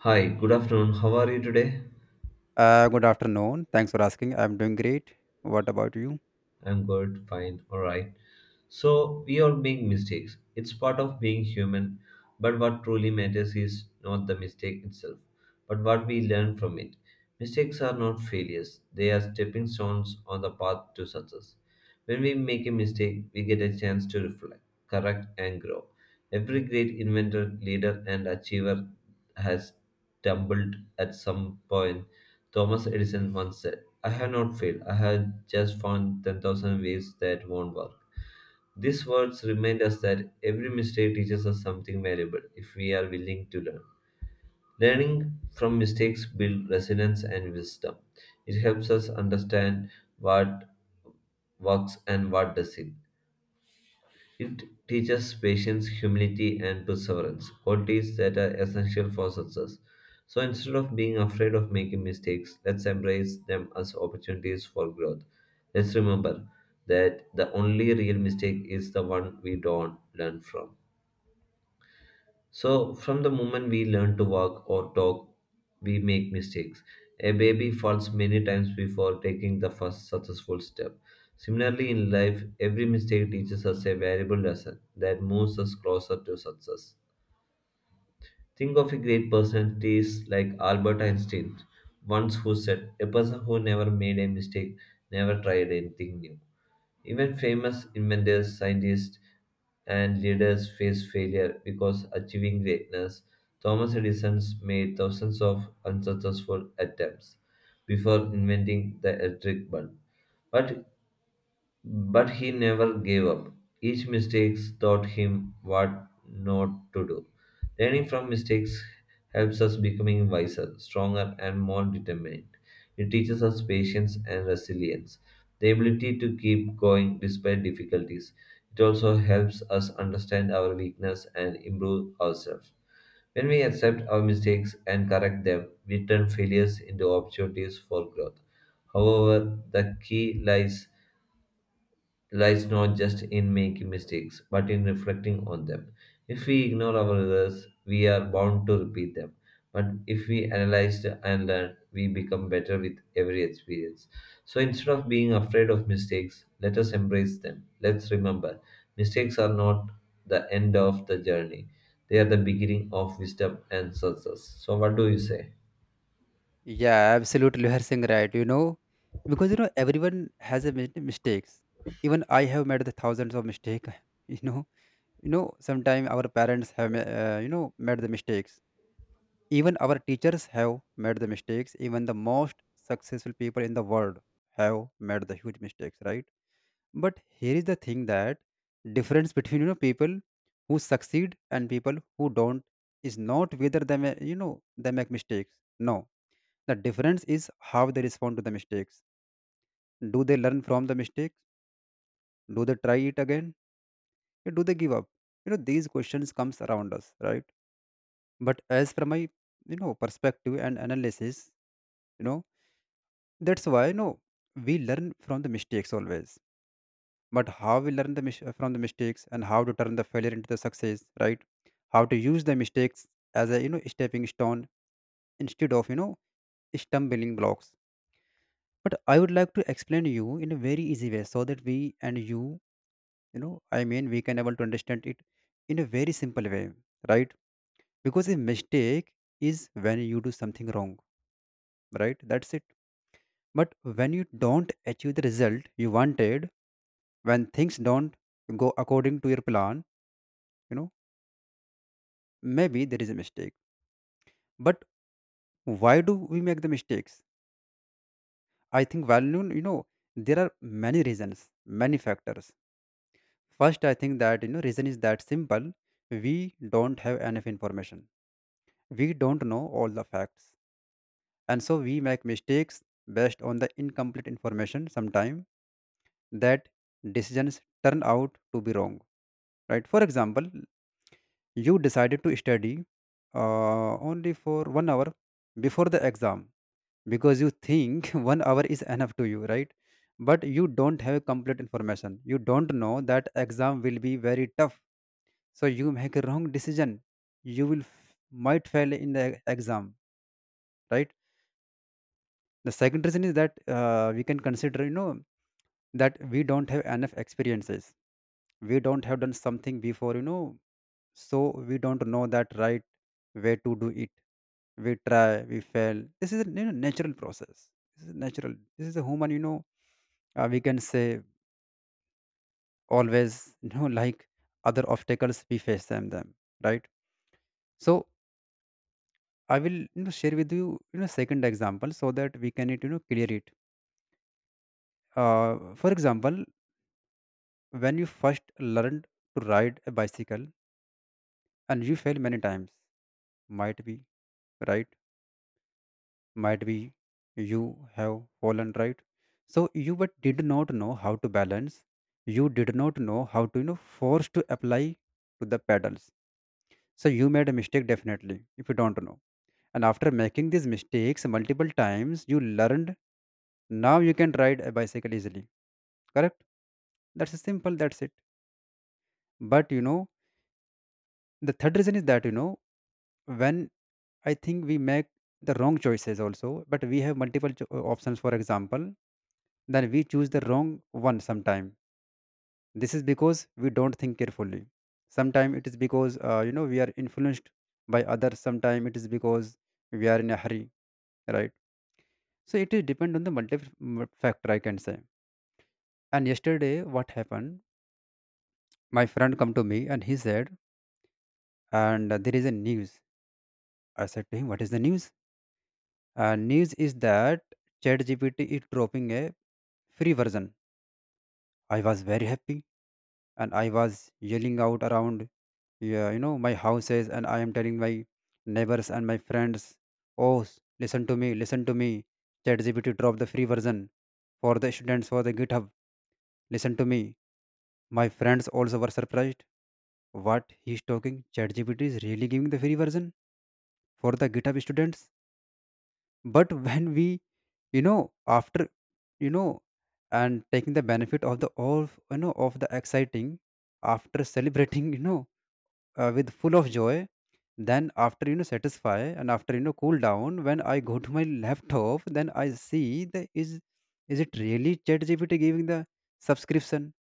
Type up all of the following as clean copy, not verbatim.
Hi, good afternoon. How are you today? Good afternoon. Thanks for asking. I'm doing great. What about you? I'm good, fine, all right. So, we all make mistakes. It's part of being human, but what truly matters is not the mistake itself, but what we learn from it. Mistakes are not failures, they are stepping stones on the path to success. When we make a mistake, we get a chance to reflect, correct, and grow. Every great inventor, leader, and achiever has stumbled at some point. Thomas Edison once said, I have not failed, I have just found 10,000 ways that won't work. These words remind us that every mistake teaches us something valuable if we are willing to learn. Learning from mistakes builds resilience and wisdom. It helps us understand what works and what doesn't it teaches patience, humility, and perseverance, qualities that are essential for success. So instead of being afraid of making mistakes, let's embrace them as opportunities for growth. Let's remember that the only real mistake is the one we don't learn from. So, from the moment we learn to walk or talk, we make mistakes. A baby falls many times before taking the first successful step. Similarly, in life, every mistake teaches us a valuable lesson that moves us closer to success. Think of a great personalities like Albert Einstein, once who said, A person who never made a mistake never tried anything new. Even famous inventors, scientists, and leaders face failure because achieving greatness. Thomas Edison made thousands of unsuccessful attempts before inventing the electric bulb, but but he never gave up. Each mistake taught him what not to do. Learning from mistakes helps us becoming wiser, stronger, and more determined. It teaches us patience and resilience, the ability to keep going despite difficulties. It also helps us understand our weakness and improve ourselves. When we accept our mistakes and correct them, we turn failures into opportunities for growth. However, the key lies not just in making mistakes, but in reflecting on them. If we ignore our errors, we are bound to repeat them. But if we analyze and learn, we become better with every experience. So instead of being afraid of mistakes, let us embrace them. Let's remember mistakes are not the end of the journey, they are the beginning of wisdom and success. So, what do you say? Yeah, absolutely. You are saying right. Because everyone has a mistakes. Even I have made the thousands of mistakes. You know, Sometimes our parents have, made the mistakes. Even our teachers have made the mistakes. Even the most successful people in the world have made the huge mistakes, right? But here is the thing that difference between people who succeed and people who don't is not whether they may, they make mistakes. No, the difference is how they respond to the mistakes. Do they learn from the mistakes? Do they try it again? Or do they give up? These questions comes around us, right? But as from my perspective and analysis, you know that's why we learn from the mistakes always, but how we learn from the mistakes and how to turn the failure into the success, right? How to use the mistakes as a stepping stone instead of stumbling blocks. But I would like to explain you in a very easy way so that we and you know I mean we can able to understand it in a very simple way, right? Because a mistake is when you do something wrong, right? That's it. But when you don't achieve the result you wanted, when things don't go according to your plan, you know maybe there is a mistake. But why do we make the mistakes? I think value, there are many reasons, many factors. First, I think that reason is that simple, we don't have enough information, we don't know all the facts, and so we make mistakes based on the incomplete information. Sometime that decisions turn out to be wrong, right? For example, you decided to study only for 1 hour before the exam because you think 1 hour is enough to you, right? But you don't have complete information, you don't know that exam will be very tough, so you make a wrong decision. You will might fail in the exam, right? The second reason is that we can consider, that we don't have enough experiences, we don't have done something before, so we don't know that right way to do it. We try, we fail. This is a, natural process. This is natural, this is a human, we can say, always. Like other obstacles, we face them, right? So I will, share with you, you know second example so that we can it, clear it. uh, for example, when you first learned to ride a bicycle and you fail many times, might be, right? Might be you have fallen, right? So you but did not know how to balance, you did not know how to, force to apply to the pedals. So you made a mistake definitely, if you don't know. And after making these mistakes multiple times, you learned, now you can ride a bicycle easily. Correct? That's simple, that's it. But the third reason is that, when I think we make the wrong choices also, but we have multiple options, for example, then we choose the wrong one sometime. This is because we don't think carefully. Sometime it is because we are influenced by others. Sometime it is because we are in a hurry, right? So it is depend on the multiple factor, I can say. And yesterday, what happened? My friend come to me and he said, and there is a news. I said to him, what is the news? News is that ChatGPT is dropping a free version. I was very happy and I was yelling out around, yeah, my houses, and I am telling my neighbors and my friends, oh, listen to me, listen to me. ChatGPT dropped the free version for the students for the GitHub. Listen to me. My friends also were surprised. What he's talking? ChatGPT is really giving the free version for the GitHub students. But when we, after, you know, and taking the benefit of the all, of the exciting, after celebrating, with full of joy. Then after, satisfy, and after, cool down, when I go to my laptop, then I see the is it really ChatGPT giving the subscription?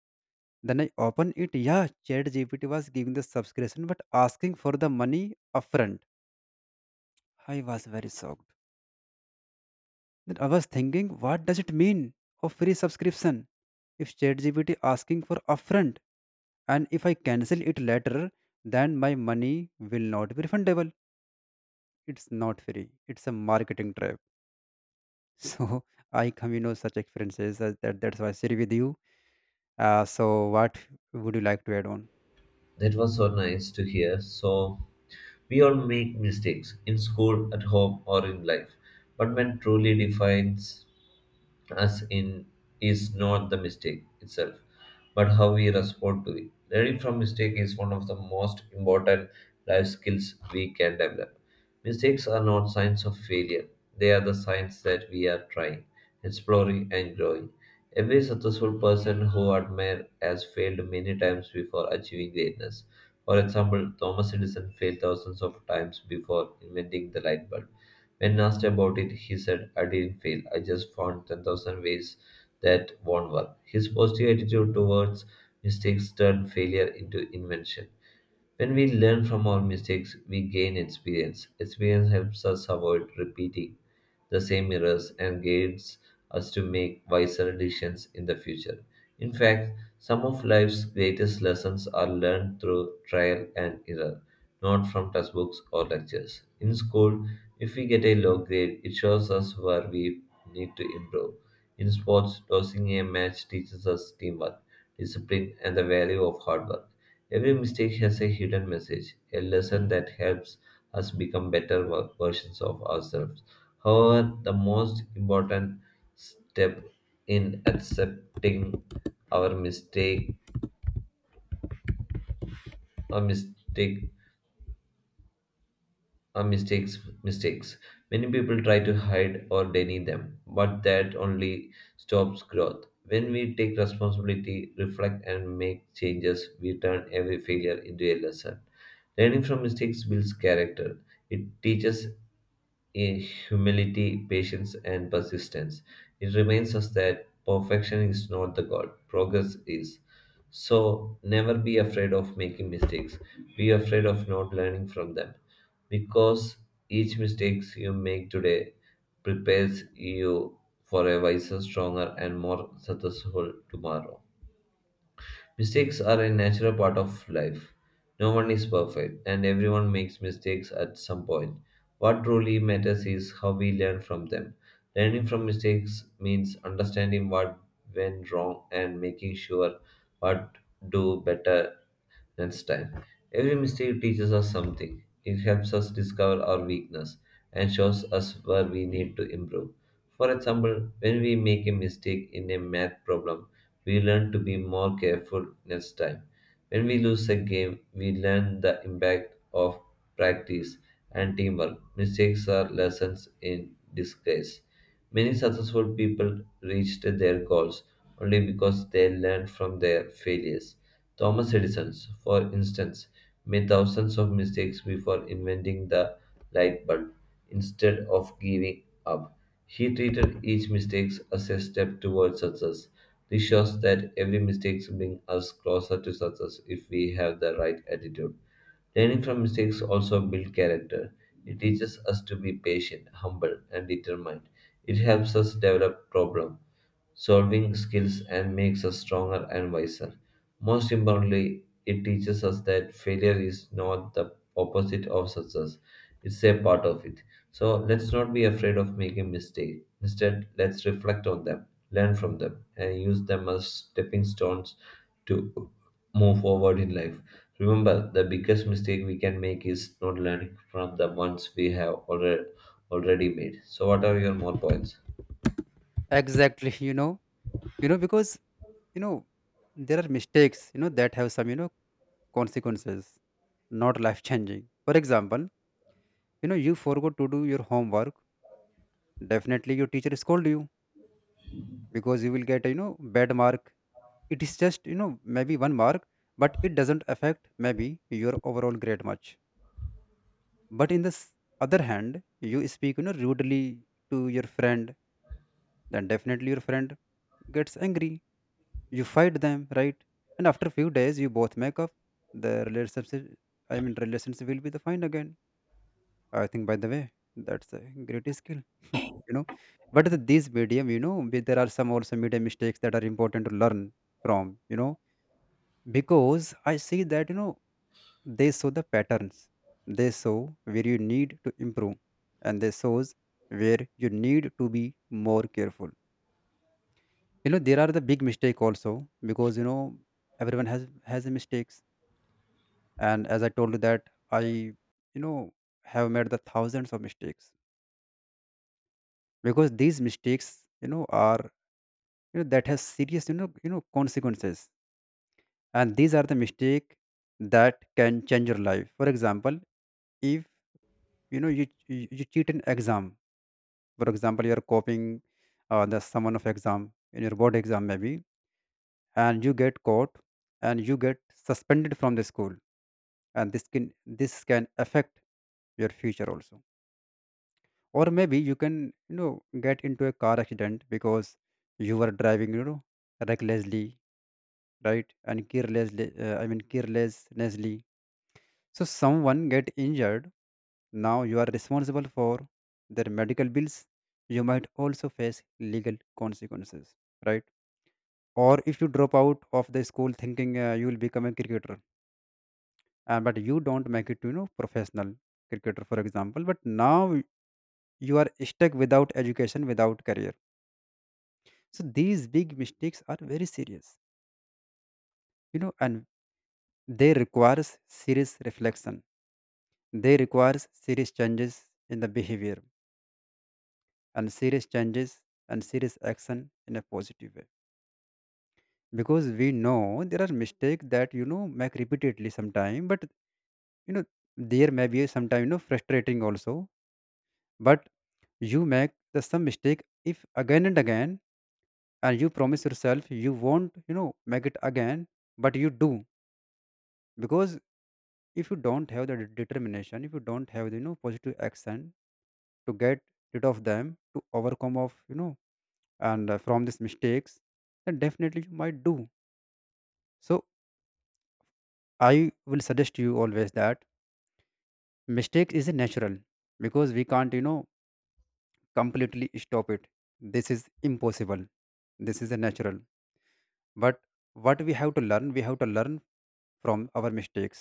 Then I open it. Yeah, ChatGPT was giving the subscription, but asking for the money upfront. I was very shocked. Then I was thinking, what does it mean of free subscription? If ChatGPT asking for upfront, and if I cancel it later, then my money will not be refundable. It's not free, it's a marketing trap. So I come, such experiences as that, that's why I share with you. So what would you like to add on? That was so nice to hear. So, we all make mistakes in school, at home, or in life, but what truly defines us in is not the mistake itself, but how we respond to it. Learning from mistake is one of the most important life skills we can develop. Mistakes are not signs of failure. They are the signs that we are trying, exploring and growing. Every successful person who I admire has failed many times before achieving greatness. For example, Thomas Edison failed thousands of times before inventing the light bulb. When asked about it, he said, I didn't fail. I just found 10,000 ways that won't work. His positive attitude towards mistakes turned failure into invention. When we learn from our mistakes, we gain experience. Experience helps us avoid repeating the same errors and guides us to make wiser decisions in the future. In fact, some of life's greatest lessons are learned through trial and error, not from textbooks or lectures. In school, if we get a low grade, it shows us where we need to improve. In sports, losing a match teaches us teamwork, discipline, and the value of hard work. Every mistake has a hidden message, a lesson that helps us become better versions of ourselves. However, the most important step in accepting our mistake or mistake are mistakes mistakes Many people try to hide or deny them, but that only stops growth. When we take responsibility, reflect, and make changes, we turn every failure into a lesson. Learning from mistakes builds character. It teaches in humility, patience, and persistence. It reminds us that perfection is not the goal, progress is. So, never be afraid of making mistakes. Be afraid of not learning from them because each mistake you make today prepares you for a wiser, stronger, and more successful tomorrow. Mistakes are a natural part of life. No one is perfect, and everyone makes mistakes at some point. What truly matters is how we learn from them. Learning from mistakes means understanding what went wrong and making sure what do better and style. Every mistake teaches us something. It helps us discover our weakness and shows us where we need to improve. For example, when we make a mistake in a math problem, we learn to be more careful next time. When we lose a game, we learn the impact of practice and teamwork. Mistakes are lessons in disguise. Many successful people reached their goals only because they learned from their failures. Thomas Edison, for instance, made thousands of mistakes before inventing the light bulb. Instead of giving up, he treated each mistake as a step towards success. This shows that every mistake brings us closer to success if we have the right attitude. Learning from mistakes also builds character. It teaches us to be patient, humble, and determined. It helps us develop problem solving skills and makes us stronger and wiser. Most importantly, it teaches us that failure is not the opposite of success. It's a part of it. So let's not be afraid of making mistakes. Instead, let's reflect on them, learn from them, and use them as stepping stones to move forward in life. Remember, the biggest mistake we can make is not learning from the ones we have already made. So what are your more points? Exactly. Because, you know there are mistakes, that have some, consequences, not life changing. For example, you forgot to do your homework, definitely your teacher scold you because you will get, bad mark. It is just, maybe one mark, but it doesn't affect maybe your overall grade much. But in the other hand, you speak, rudely to your friend, then definitely your friend gets angry, you fight them, right? And after few days you both make up the relationship. I mean, relationship will be the fine again. I think, by the way, that's a great skill. you know but this medium, there are some also media mistakes that are important to learn from, because I see that, they show the patterns. They show where you need to improve, and they shows where you need to be more careful. You know, there are the big mistake also, because, everyone has a mistakes, and as I told you that I know have made the thousands of mistakes, because these mistakes, are, that has serious, consequences, and these are the mistake that can change your life. For example, if you cheat an exam, for example you're copying the someone of exam in your board exam maybe, and you get caught and you get suspended from the school, and this can affect your future also. Or maybe you can, you know get into a car accident because you were driving, recklessly, right, and carelessly, carelessly, so someone get injured, now you are responsible for their medical bills, you might also face legal consequences, right? Or if you drop out of the school thinking you will become a cricketer, and but you don't make it to, professional cricketer for example, but now you are stuck without education, without career. So these big mistakes are very serious, and they requires serious reflection, they requires serious changes in the behavior, and serious changes, and serious action in a positive way, because we know there are mistakes that, make repeatedly sometime, but, you know there may be sometimes, frustrating also. But you make the some mistake if again and again, and you promise yourself you won't, make it again, but you do, because if you don't have the determination, if you don't have the, positive action to get rid of them, to overcome of, and from these mistakes, then definitely you might do. So I will suggest you always that mistake is a natural, because we can't, completely stop it. This is impossible. This is a natural. But what we have to learn, we have to learn from our mistakes.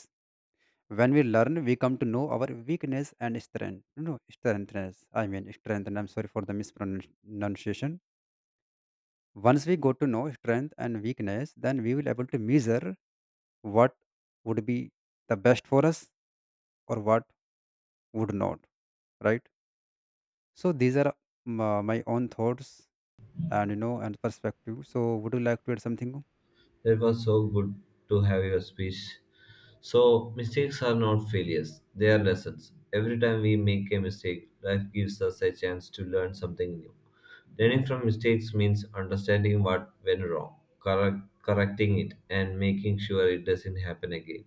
When we learn, we come to know our weakness and strength. No, no, strengthness, I mean strength, and I'm sorry for the mispronunciation. Once we go to know strength and weakness, then we will able to measure what would be the best for us, or what would not, right? So these are my own thoughts and, and perspective, so would you like to add something? It was so good to have your speech. So, mistakes are not failures, they are lessons. Every time we make a mistake, life gives us a chance to learn something new. Learning from mistakes means understanding what went wrong, correcting it, and making sure it doesn't happen again.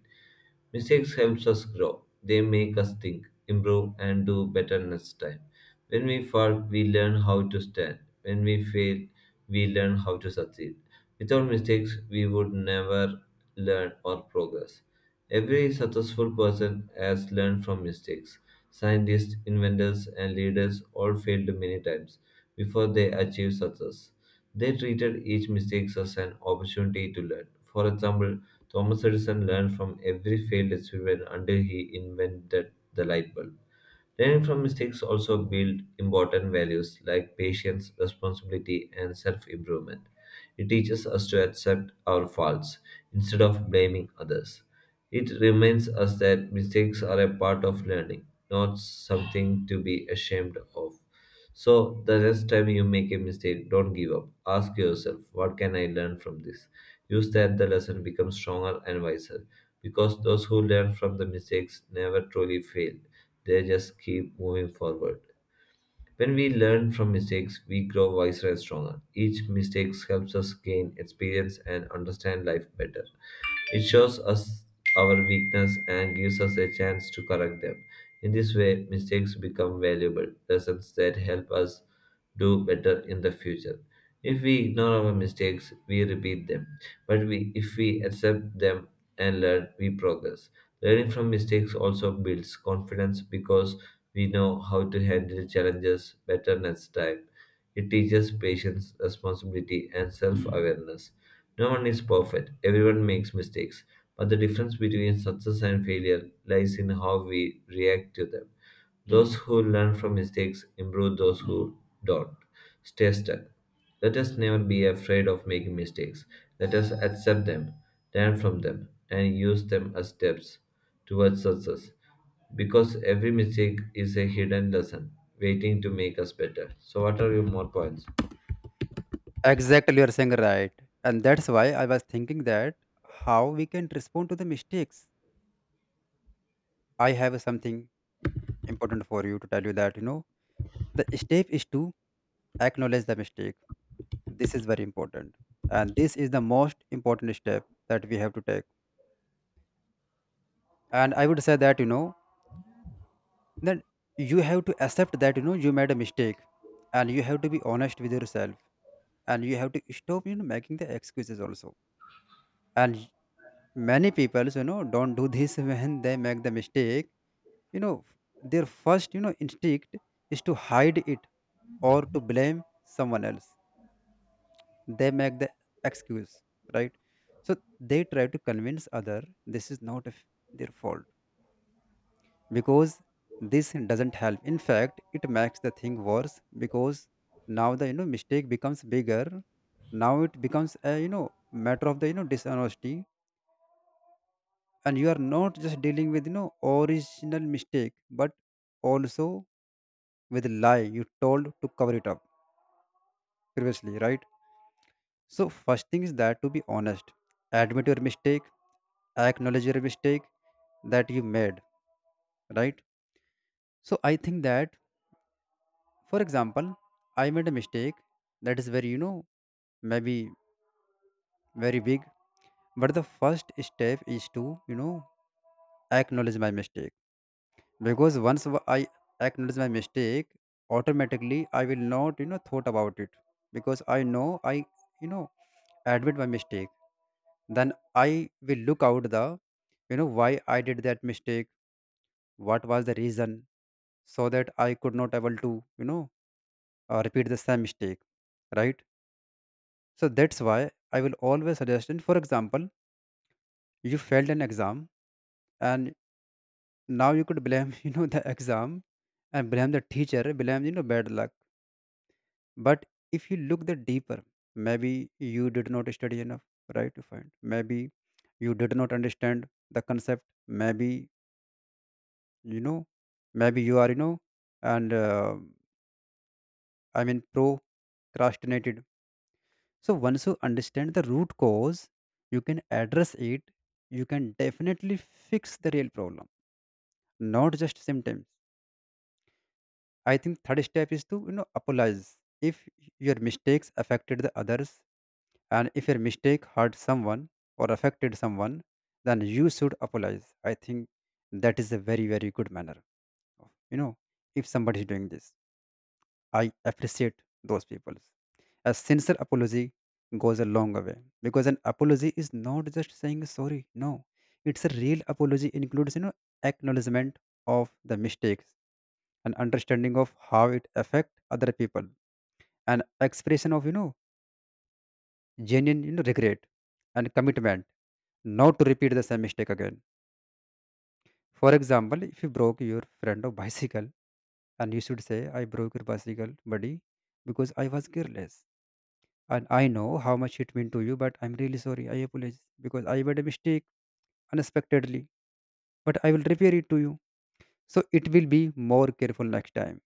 Mistakes helps us grow. They make us think, improve, and do better next time. When we fall, we learn how to stand. When we fail, we learn how to succeed. Without mistakes, we would never learn or progress. Every successful person has learned from mistakes. Scientists, inventors, and leaders all failed many times before they achieve success. They treated each mistake as an opportunity to learn. For example, Thomas Edison learned from every failed experiment until he invented the light bulb. Learning from mistakes also build important values like patience, responsibility, and self-improvement. It teaches us to accept our faults instead of blaming others. It reminds us that mistakes are a part of learning, not something to be ashamed of. So, the next time you make a mistake, don't give up. Ask yourself, what can I learn from this? Use that the lesson becomes stronger and wiser. Because those who learn from the mistakes never truly fail, they just keep moving forward. When we learn from mistakes, we grow wiser and stronger. Each mistake helps us gain experience and understand life better. It shows us our weakness and gives us a chance to correct them. In this way, mistakes become valuable lessons that help us do better in the future. If we ignore our mistakes, we repeat them, but we, if we accept them and learn, we progress. Learning from mistakes also builds confidence because we know how to handle challenges better next time. It teaches patience, responsibility, and self awareness. No one is perfect, everyone makes mistakes, but the difference between success and failure lies in how we react to them. Those who learn from mistakes improve, those who don't stay stuck. Let us never be afraid of making mistakes. Let us accept them, learn from them, and use them as steps towards success. Because every mistake is a hidden lesson waiting to make us better. So, what are your more points? Exactly, you're saying right. And that's why I was thinking that how we can respond to the mistakes. I have something important for you to tell you that, the step is to acknowledge the mistake. This is very important. And this is the most important step that we have to take. And I would say that, that you have to accept that, you made a mistake, and you have to be honest with yourself, and you have to stop, making the excuses also. And many people, don't do this when they make the mistake. you know their first instinct is to hide it or to blame someone else. They make the excuse, right? So they try to convince other this is not of their fault. Because this doesn't help, in fact it makes the thing worse, because now the mistake becomes bigger. Now it becomes a matter of the dishonesty, and you are not just dealing with original mistake but also with lie you told to cover it up previously, right? So first thing is that to be honest, admit your mistake, acknowledge your mistake that you made, right? So I think that, for example, I made a mistake that is very, maybe very big, but the first step is to, acknowledge my mistake. Because I acknowledge my mistake, automatically I will not thought about it. Because I know I, you know admit my mistake. Then I will look out the why I did that mistake, what was the reason, so that I could not able to repeat the same mistake, right? So that's why I will always suggest. And for example, you failed an exam, and now you could blame the exam, and blame the teacher, blame bad luck. But if you look the deeper, maybe you did not study enough, right? To find, maybe you did not understand the concept. Maybe you know, you are, you know, and I mean procrastinated. So once you understand the root cause, you can address it. You can definitely fix the real problem, not just symptoms. I think third step is to apologize if your mistakes affected the others. And if your mistake hurt someone or affected someone, then you should apologize. I think that is a very, very good manner of. If somebody is doing this, I appreciate those people. A sincere apology goes a long way, because an apology is not just saying sorry. No, it's a real apology includes acknowledgement of the mistakes, an understanding of how it affect other people, an expression of genuine, regret, and commitment not to repeat the same mistake again. For example, if you broke your friend of bicycle, and you should say, I broke your bicycle, buddy, because I was careless. And I know how much it meant to you, but I'm really sorry. I apologize because I made a mistake unexpectedly, but I will repair it to you. So it will be more careful next time.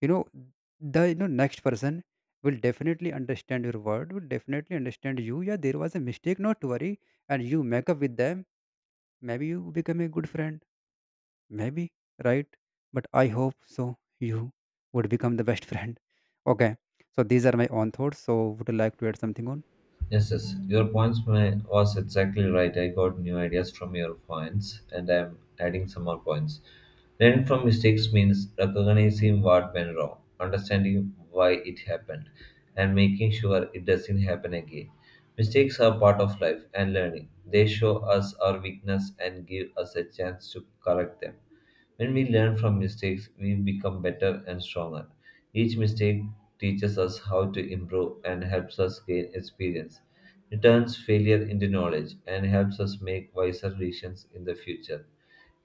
You know, next person will definitely understand your word, will definitely understand you. Yeah, there was a mistake, not to worry. And you make up with them. Maybe you become a good friend. Maybe, right? But I hope so. You would become the best friend. Okay. So these are my own thoughts. So would you like to add something on? Yes, yes. Your points was exactly right. I got new ideas from your points, and I'm adding some more points. Learning from mistakes means recognizing what went wrong, understanding why it happened, and making sure it doesn't happen again. Mistakes are part of life and learning. They show us our weakness and give us a chance to correct them. When we learn from mistakes, we become better and stronger. Each mistake teaches us how to improve and helps us gain experience. It turns failure into knowledge and helps us make wiser decisions in the future.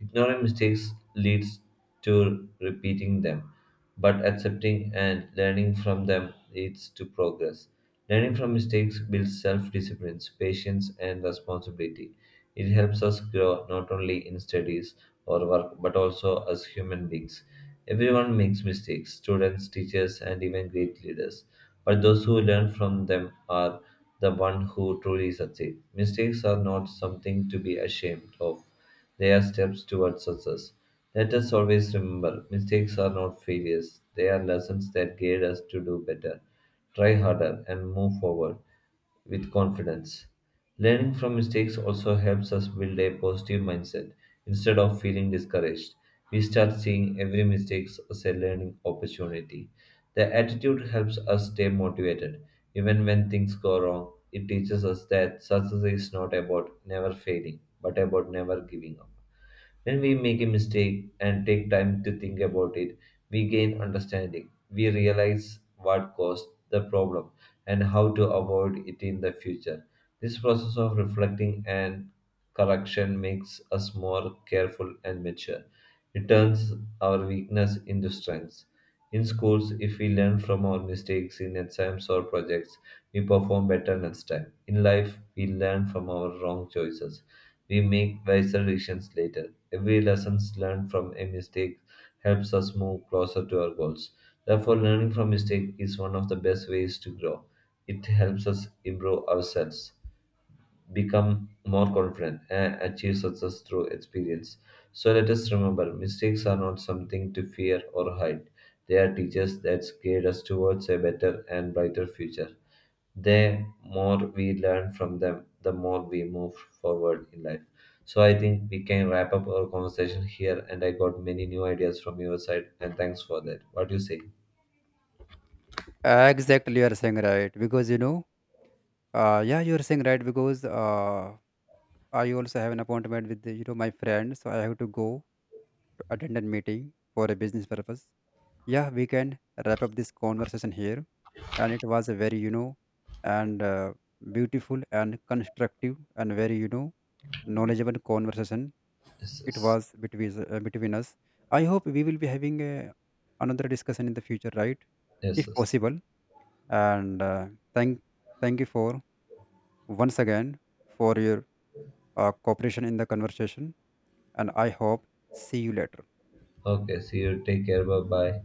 Ignoring mistakes leads to repeating them but accepting and learning from them leads to progress. Learning from mistakes builds self discipline, patience, and responsibility. It helps us grow not only in studies or work but also as human beings. Everyone makes mistakes students, teachers, and even great leaders. But those who learn from them are the one who truly succeed. Mistakes are not something to be ashamed of. They are steps toward success. Let us always remember mistakes are not failures, they are lessons that guide us to do better, try harder, and move forward with confidence. Learning from mistakes also helps us build a positive mindset instead of feeling discouraged we start seeing every mistake as a learning opportunity. The attitude helps us stay motivated. Even when things go wrong, it teaches us that success is not about never failing, but about never giving up. When we make a mistake and take time to think about it, we gain understanding. We realize what caused the problem and how to avoid it in the future. This process of reflecting and correction makes us more careful and mature. It turns our weakness into strengths. In schools, if we learn from our mistakes in exams or projects, we perform better next time. In life, we learn from our wrong choices. We make wiser decisions later. Every lesson learned from a mistake helps us move closer to our goals. Therefore, learning from mistake is one of the best ways to grow. It helps us improve ourselves become more confident and achieve success through experience. So let us remember mistakes are not something to fear or hide. They are teachers that guide us towards a better and brighter future. The more we learn from them, the more we move forward in life. So I think we can wrap up our conversation here and I got many new ideas from your side and thanks for that. What do you say? Exactly, you are saying right because you know. Yeah, you are saying right because I also have an appointment with the, my friend, so I have to go to attend a meeting for a business purpose. Yeah, we can wrap up this conversation here, and it was a very, you know and beautiful and constructive and very, knowledgeable conversation Yes, it yes. was between us- uh, between us. I hope we will be having a another discussion in the future, right? yes, If yes. possible. And thank Thank you for, once again, for your cooperation in the conversation, and I hope see you later. Okay, see you. Take care. Bye bye.